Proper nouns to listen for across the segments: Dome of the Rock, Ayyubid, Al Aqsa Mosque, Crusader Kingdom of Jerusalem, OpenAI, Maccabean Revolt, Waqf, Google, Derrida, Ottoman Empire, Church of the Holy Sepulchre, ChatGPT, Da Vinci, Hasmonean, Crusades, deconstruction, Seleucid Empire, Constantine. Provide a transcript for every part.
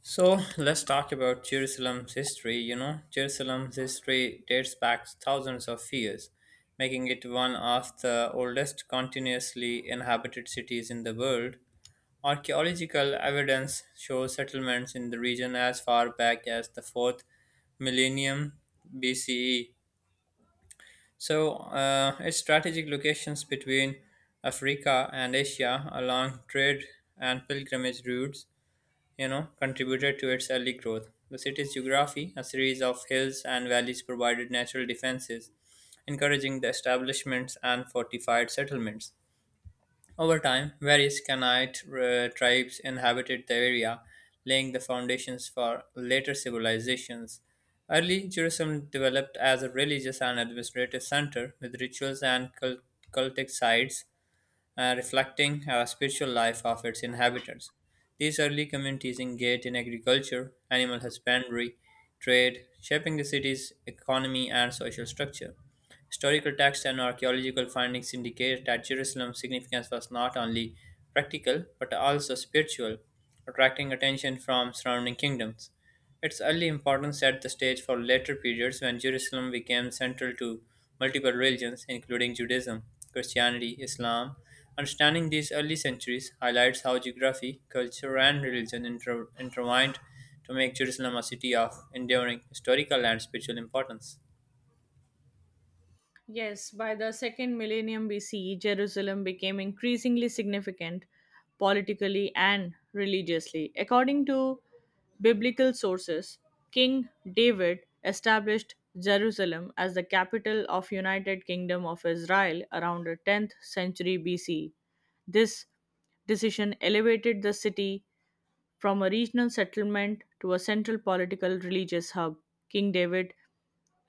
So let's talk about Jerusalem's history. You know, Jerusalem's history dates back thousands of years, making it one of the oldest continuously inhabited cities in the world. Archaeological evidence shows settlements in the region as far back as the 4th millennium BCE. So, its strategic locations between Africa and Asia along trade and pilgrimage routes, you know, contributed to its early growth. The city's geography, a series of hills and valleys, provided natural defenses, encouraging the establishments and fortified settlements. Over time, various Canaanite tribes inhabited the area, laying the foundations for later civilizations. Early Jerusalem developed as a religious and administrative center with rituals and cultic sites, reflecting a spiritual life of its inhabitants. These early communities engaged in agriculture, animal husbandry, trade, shaping the city's economy and social structure. Historical texts and archaeological findings indicate that Jerusalem's significance was not only practical but also spiritual, attracting attention from surrounding kingdoms. Its early importance set the stage for later periods when Jerusalem became central to multiple religions, including Judaism, Christianity, Islam. Understanding these early centuries highlights how geography, culture, and religion intertwined to make Jerusalem a city of enduring historical and spiritual importance. Yes, by the second millennium BCE, Jerusalem became increasingly significant politically and religiously. According to biblical sources, King David established Jerusalem as the capital of United Kingdom of Israel around the 10th century BCE. This decision elevated the city from a regional settlement to a central political religious hub. King David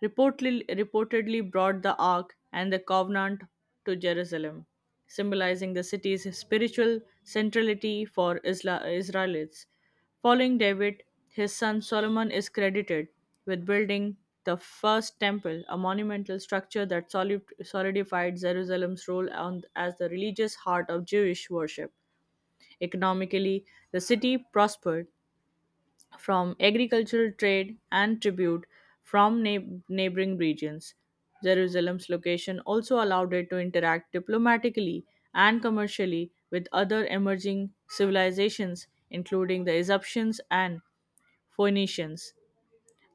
reportedly brought the Ark and the Covenant to Jerusalem, symbolizing the city's spiritual centrality for Israelites. Following David, his son Solomon is credited with building the first temple, a monumental structure that solidified Jerusalem's role as the religious heart of Jewish worship. Economically, the city prospered from agricultural trade and tribute from neighboring regions. Jerusalem's location also allowed it to interact diplomatically and commercially with other emerging civilizations, including the Egyptians and Phoenicians.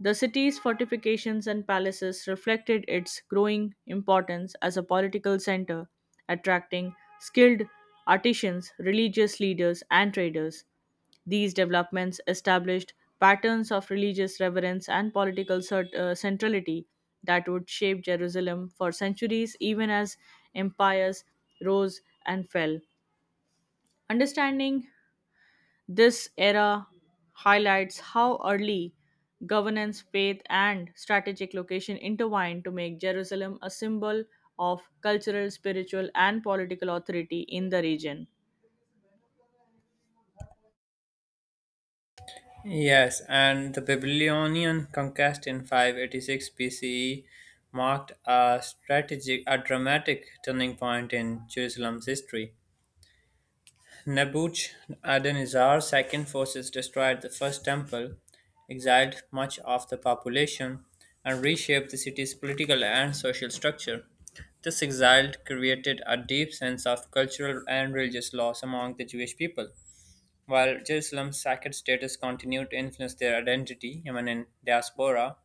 The city's fortifications and palaces reflected its growing importance as a political center, attracting skilled artisans, religious leaders, and traders. These developments established patterns of religious reverence and political centrality that would shape Jerusalem for centuries, even as empires rose and fell. Understanding this era highlights how early governance, faith, and strategic location intertwined to make Jerusalem a symbol of cultural, spiritual, and political authority in the region. Yes, and the Babylonian conquest in 586 BCE marked a dramatic turning point in Jerusalem's history. Nebuchadnezzar's second forces destroyed the first temple, exiled much of the population, and reshaped the city's political and social structure. This exile created a deep sense of cultural and religious loss among the Jewish people, while Jerusalem's sacred status continued to influence their identity even in diaspora.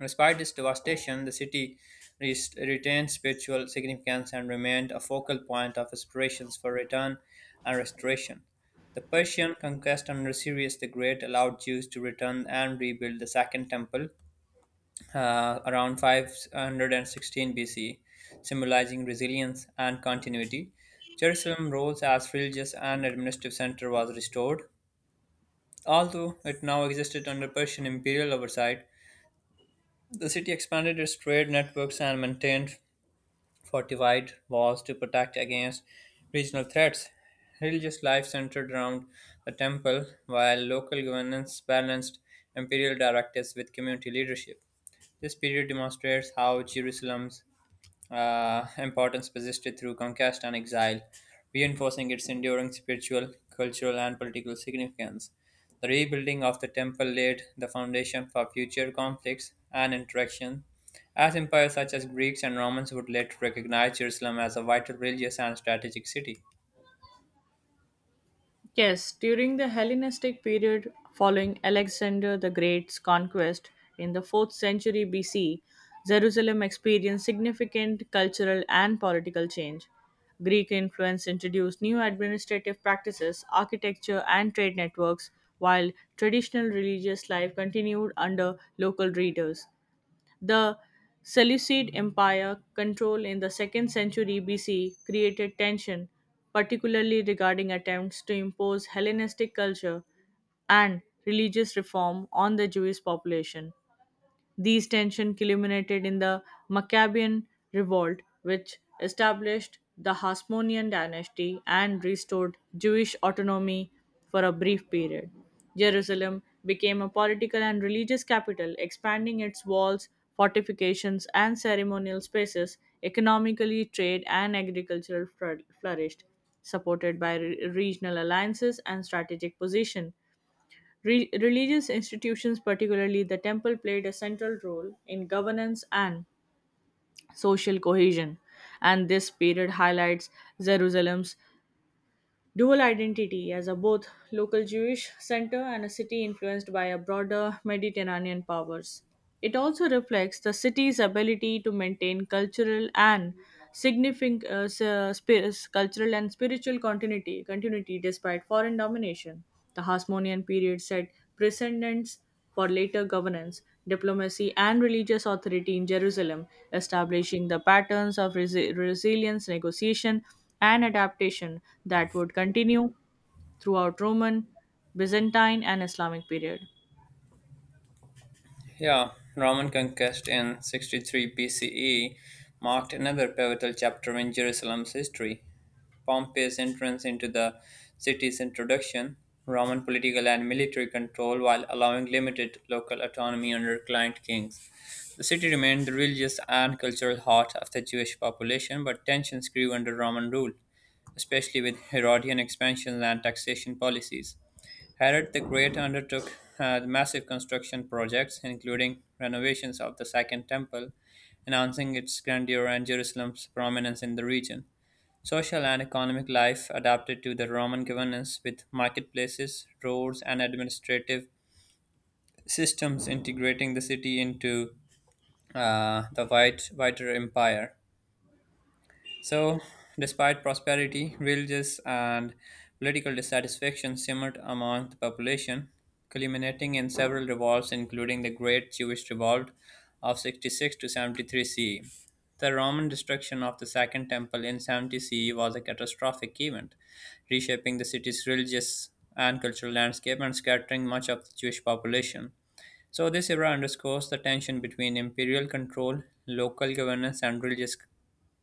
Despite this devastation, the city retained spiritual significance and remained a focal point of aspirations for return and restoration. The Persian conquest under Cyrus the Great allowed Jews to return and rebuild the Second Temple around 516 BC, symbolizing resilience and continuity. Jerusalem's role as religious and administrative center was restored, although it now existed under Persian imperial oversight. The city expanded its trade networks and maintained fortified walls to protect against regional threats. Religious life centered around the temple, while local governance balanced imperial directives with community leadership. This period demonstrates how Jerusalem's importance persisted through conquest and exile, reinforcing its enduring spiritual, cultural, and political significance. The rebuilding of the temple laid the foundation for future conflicts and interaction, as empires such as Greeks and Romans would later recognize Jerusalem as a vital religious and strategic city. Yes, during the Hellenistic period following Alexander the Great's conquest in the 4th century BC, Jerusalem experienced significant cultural and political change. Greek influence introduced new administrative practices, architecture, and trade networks, while traditional religious life continued under local leaders. The Seleucid Empire control in the 2nd century BC created tension, particularly regarding attempts to impose Hellenistic culture and religious reform on the Jewish population. These tensions culminated in the Maccabean Revolt, which established the Hasmonean dynasty and restored Jewish autonomy for a brief period. Jerusalem became a political and religious capital, expanding its walls, fortifications, and ceremonial spaces. Economically, trade and agriculture flourished, supported by regional alliances and strategic position. Religious institutions, particularly the temple, played a central role in governance and social cohesion, and this period highlights Jerusalem's dual identity as a both local Jewish center and a city influenced by a broader Mediterranean powers. It also reflects the city's ability to maintain cultural and cultural and spiritual continuity despite foreign domination. The Hasmonean period set precedents for later governance, diplomacy, and religious authority in Jerusalem, establishing the patterns of resilience, negotiation, an adaptation that would continue throughout Roman, Byzantine, and Islamic period. Yeah, Roman conquest in 63 BCE marked another pivotal chapter in Jerusalem's history. Pompey's entrance into the city's introduction, Roman political and military control while allowing limited local autonomy under client kings. The city remained the religious and cultural heart of the Jewish population, but tensions grew under Roman rule, especially with Herodian expansion and taxation policies. Herod the Great undertook massive construction projects, including renovations of the Second Temple, enhancing its grandeur and Jerusalem's prominence in the region. Social and economic life adapted to the Roman governance with marketplaces, roads, and administrative systems integrating the city into, uh, wider empire. So, despite prosperity, religious and political dissatisfaction simmered among the population, culminating in several revolts, including the Great Jewish Revolt of 66-73 CE. The Roman destruction of the Second Temple in 70 CE was a catastrophic event, reshaping the city's religious and cultural landscape and scattering much of the Jewish population. So, this era underscores the tension between imperial control, local governance, and religious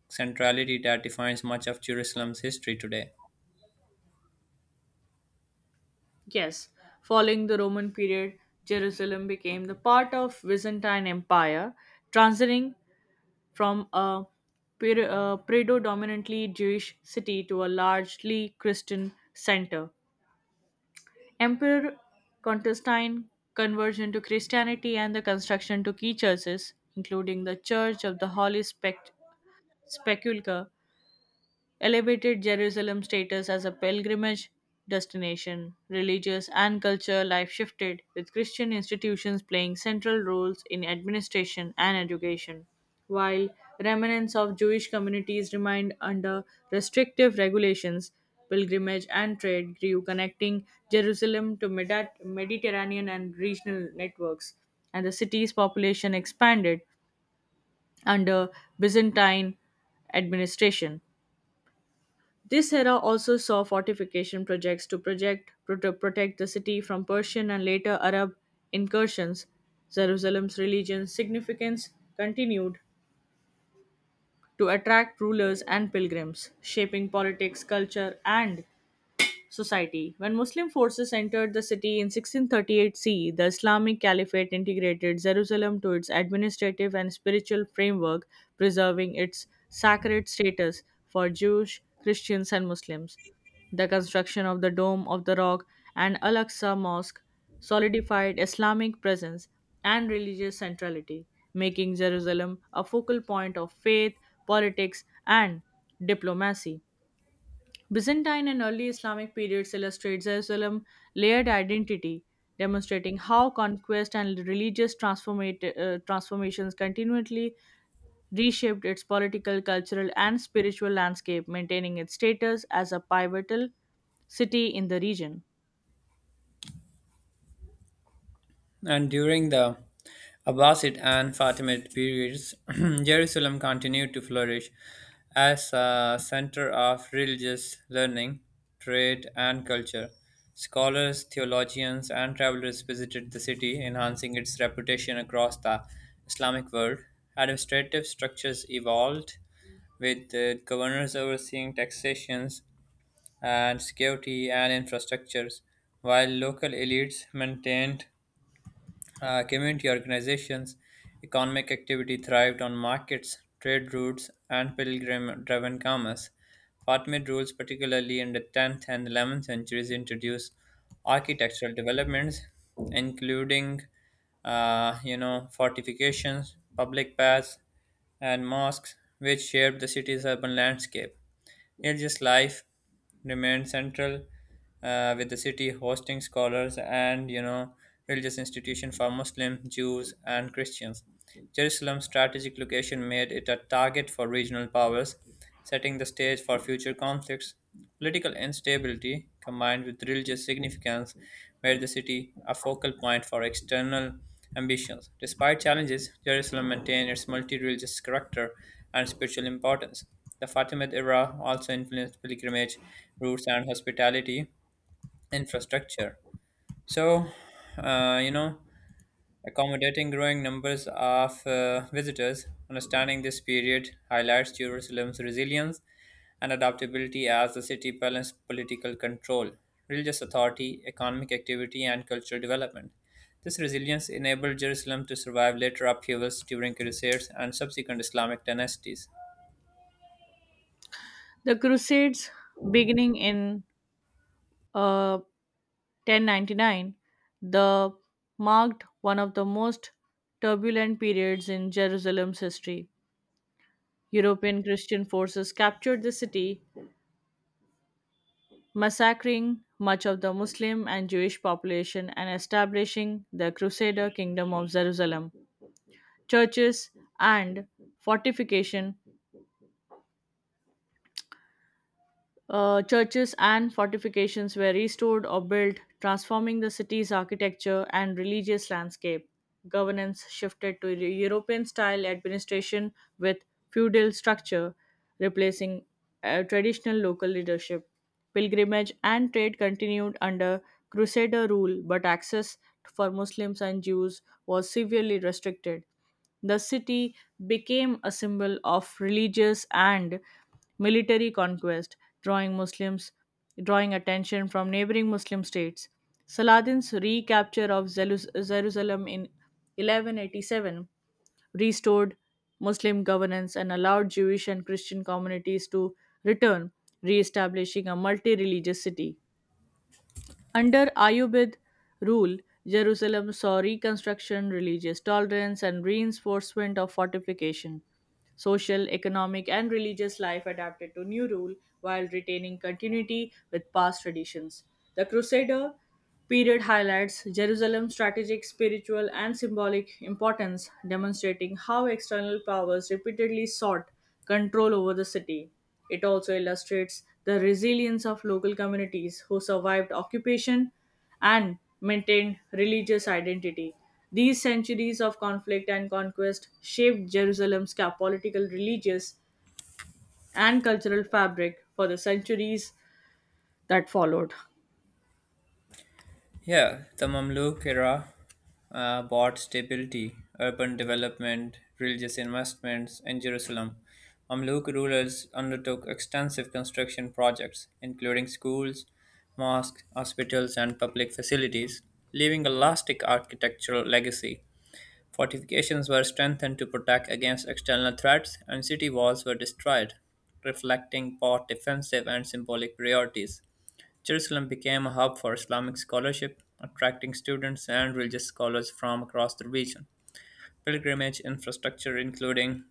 centrality that defines much of Jerusalem's history today. Yes, following the Roman period, Jerusalem became the part of Byzantine Empire, transiting from a predominantly Jewish city to a largely Christian center. Emperor Constantine conversion to Christianity and the construction to key churches, including the Church of the Holy Sepulchre elevated Jerusalem's status as a pilgrimage destination. Religious and cultural life shifted, with Christian institutions playing central roles in administration and education, while remnants of Jewish communities remained under restrictive regulations. Pilgrimage and trade grew, connecting Jerusalem to Mediterranean and regional networks, and the city's population expanded under Byzantine administration. This era also saw fortification projects to protect the city from Persian and later Arab incursions. Jerusalem's religious significance continued to attract rulers and pilgrims, shaping politics, culture, and society. When Muslim forces entered the city in 1638 C, the Islamic Caliphate integrated Jerusalem to its administrative and spiritual framework, preserving its sacred status for Jews, Christians, and Muslims. The construction of the Dome of the Rock and Al Aqsa Mosque solidified Islamic presence and religious centrality, making Jerusalem a focal point of faith, politics, and diplomacy. Byzantine and early Islamic periods illustrates a Islam layered identity, demonstrating how conquest and religious transformations continually reshaped its political, cultural, and spiritual landscape, maintaining its status as a pivotal city in the region. And during the Abbasid and Fatimid periods, Jerusalem continued to flourish as a center of religious learning, trade, and culture. Scholars, theologians, and travelers visited the city, enhancing its reputation across the Islamic world. Administrative structures evolved, with governors overseeing taxations and security and infrastructures, while local elites maintained community organizations. Economic activity thrived on markets, trade routes, and pilgrim driven commerce. Fatimid rules, particularly in the 10th and 11th centuries, introduced architectural developments, including, fortifications, public baths, and mosques, which shaped the city's urban landscape. Yet this life remained central, with the city hosting scholars and, religious institution for Muslim, Jews, and Christians. Jerusalem's strategic location made it a target for regional powers, setting the stage for future conflicts. Political instability combined with religious significance made the city a focal point for external ambitions. Despite challenges, Jerusalem maintained its multi-religious character and spiritual importance. The Fatimid era also influenced pilgrimage routes and hospitality infrastructure, So, uh, you know, accommodating growing numbers of visitors. Understanding this period highlights Jerusalem's resilience and adaptability as the city balanced political control, religious authority, economic activity, and cultural development. This resilience enabled Jerusalem to survive later upheavals during crusades and subsequent Islamic dynasties. The Crusades, beginning in uh, 1099, the marked one of the most turbulent periods in Jerusalem's history. European Christian forces captured the city, massacring much of the Muslim and Jewish population and establishing the Crusader Kingdom of Jerusalem. Churches and fortification Churches and fortifications were restored or built, transforming the city's architecture and religious landscape. Governance shifted to European style administration with feudal structure, replacing traditional local leadership. Pilgrimage and trade continued under Crusader rule, but access for Muslims and Jews was severely restricted. The city became a symbol of religious and military conquest, drawing Muslims drawing attention from neighboring Muslim states. Saladin's recapture of Jerusalem in 1187 restored Muslim governance and allowed Jewish and Christian communities to return, re-establishing a multi-religious city. Under Ayyubid rule, Jerusalem saw reconstruction, religious tolerance, and reinforcement of fortification. Social, economic, and religious life adapted to new rule while retaining continuity with past traditions. The Crusader period highlights Jerusalem's strategic, spiritual, and symbolic importance, demonstrating how external powers repeatedly sought control over the city. It also illustrates the resilience of local communities who survived occupation and maintained religious identity. These centuries of conflict and conquest shaped Jerusalem's political, religious, and cultural fabric for the centuries that followed. Yeah, the Mamluk era brought stability, urban development, religious investments and Jerusalem. Mamluk rulers undertook extensive construction projects, including schools, mosques, hospitals, and public facilities, leaving a lasting architectural legacy. Fortifications were strengthened to protect against external threats, and city walls were destroyed, reflecting both defensive and symbolic priorities. Jerusalem became a hub for Islamic scholarship, attracting students and religious scholars from across the region. Pilgrimage infrastructure, including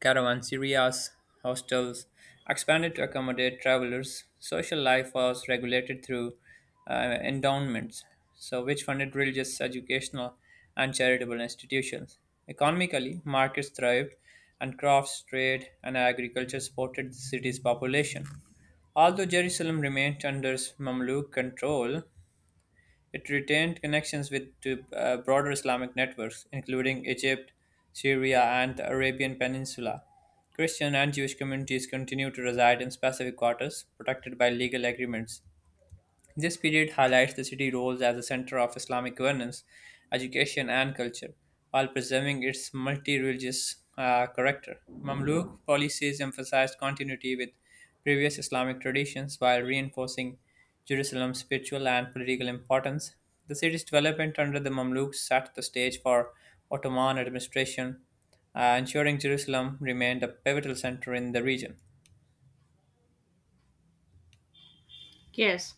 caravanserais, hostels, expanded to accommodate travelers. Social life was regulated through uh, endowments, so which funded religious, educational, and charitable institutions. Economically, markets thrived, and crafts, trade, and agriculture supported the city's population. Although Jerusalem remained under Mamluk control, it retained connections with to broader Islamic networks, including Egypt, Syria, and the Arabian Peninsula. Christian and Jewish communities continue to reside in specific quarters protected by legal agreements. This period highlights the city's roles as a center of Islamic governance, education, and culture, while preserving its multi religious character. Mamluk policies emphasized continuity with previous Islamic traditions while reinforcing Jerusalem's spiritual and political importance. The city's development under the Mamluks set the stage for Ottoman administration, ensuring Jerusalem remained a pivotal center in the region. Yes,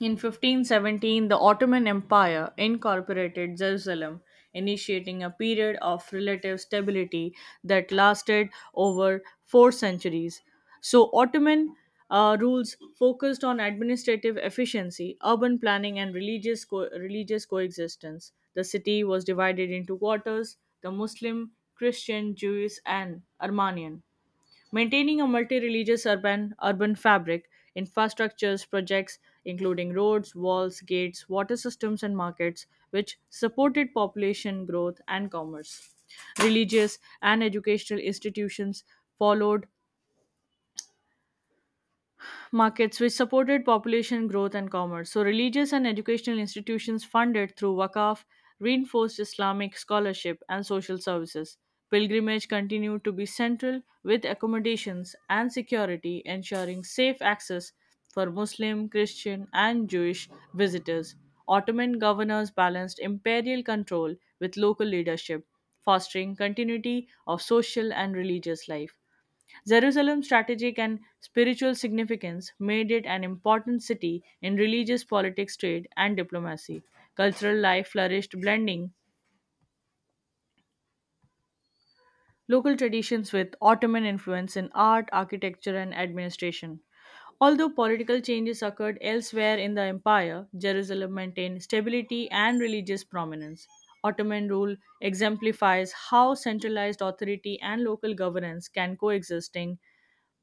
in 1517, the Ottoman Empire incorporated Jerusalem, initiating a period of relative stability that lasted over 4 centuries. So, Ottoman rules focused on administrative efficiency, urban planning, and religious coexistence. The city was divided into quarters the Muslim, Christian, Jewish, and Armenian. Maintaining a multi-religious urban fabric, infrastructures projects including roads, walls, gates, water systems and markets which supported population growth and commerce. Religious and educational institutions followed markets which supported population growth and commerce. So, religious and educational institutions funded through Waqf reinforced Islamic scholarship and social services. Pilgrimage continued to be central with accommodations and security, ensuring safe access for Muslim, Christian, and Jewish visitors. Ottoman governors balanced imperial control with local leadership, fostering continuity of social and religious life. Jerusalem's strategic and spiritual significance made it an important city in religious politics, trade, and diplomacy. Cultural life flourished, blending local traditions with Ottoman influence in art, architecture, and administration. Although political changes occurred elsewhere in the empire, Jerusalem maintained stability and religious prominence. Ottoman rule exemplifies how centralized authority and local governance can coexisting,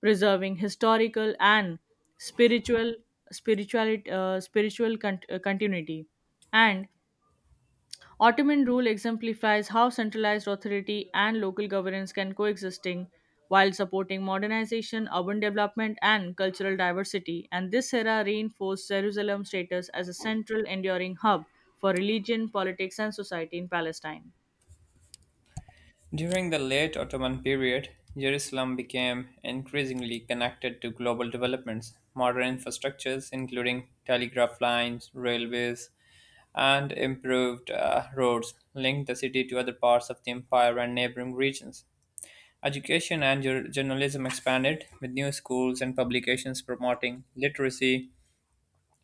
preserving historical and spiritual spirituality, spiritual cont- continuity. And Ottoman rule exemplifies how centralized authority and local governance can coexisting while supporting modernization, urban development, and cultural diversity. And this era reinforced Jerusalem's status as a central, enduring hub for religion, politics, and society in Palestine. During the late Ottoman period, Jerusalem became increasingly connected to global developments. Modern infrastructures, including telegraph lines, railways, and improved roads, linked the city to other parts of the empire and neighboring regions. Education and journalism expanded, with new schools and publications promoting literacy,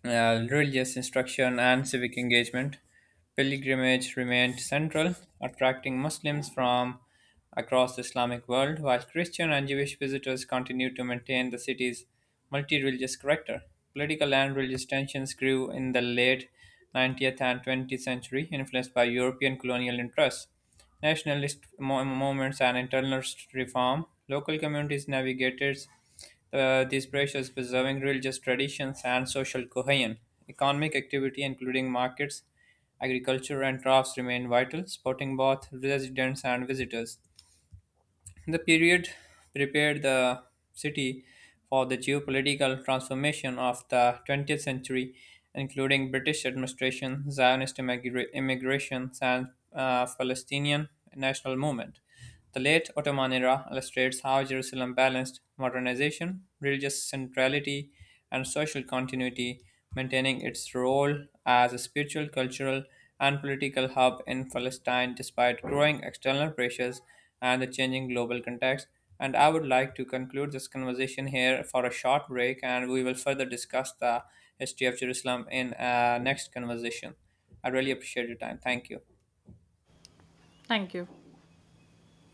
religious instruction, and civic engagement. Pilgrimage remained central, attracting Muslims from across the Islamic world, while Christian and Jewish visitors continued to maintain the city's multi-religious character. Political and religious tensions grew in the late 19th and 20th century, influenced by European colonial interests, nationalist movements, and internal reform. Local communities navigated these pressures preserving religious traditions and social cohesion. Economic activity, including markets, agriculture and crafts remained vital, supporting both residents and visitors. The period prepared the city for the geopolitical transformation of the 20th century, including British administration, Zionist immigration, and Palestinian national movement. The late Ottoman era illustrates how Jerusalem balanced modernization, religious centrality, and social continuity, maintaining its role as a spiritual, cultural, and political hub in Palestine despite growing external pressures and the changing global context. And I would like to conclude this conversation here for a short break, and we will further discuss the history of Jerusalem in next conversation. I really appreciate your time. Thank you. Thank you.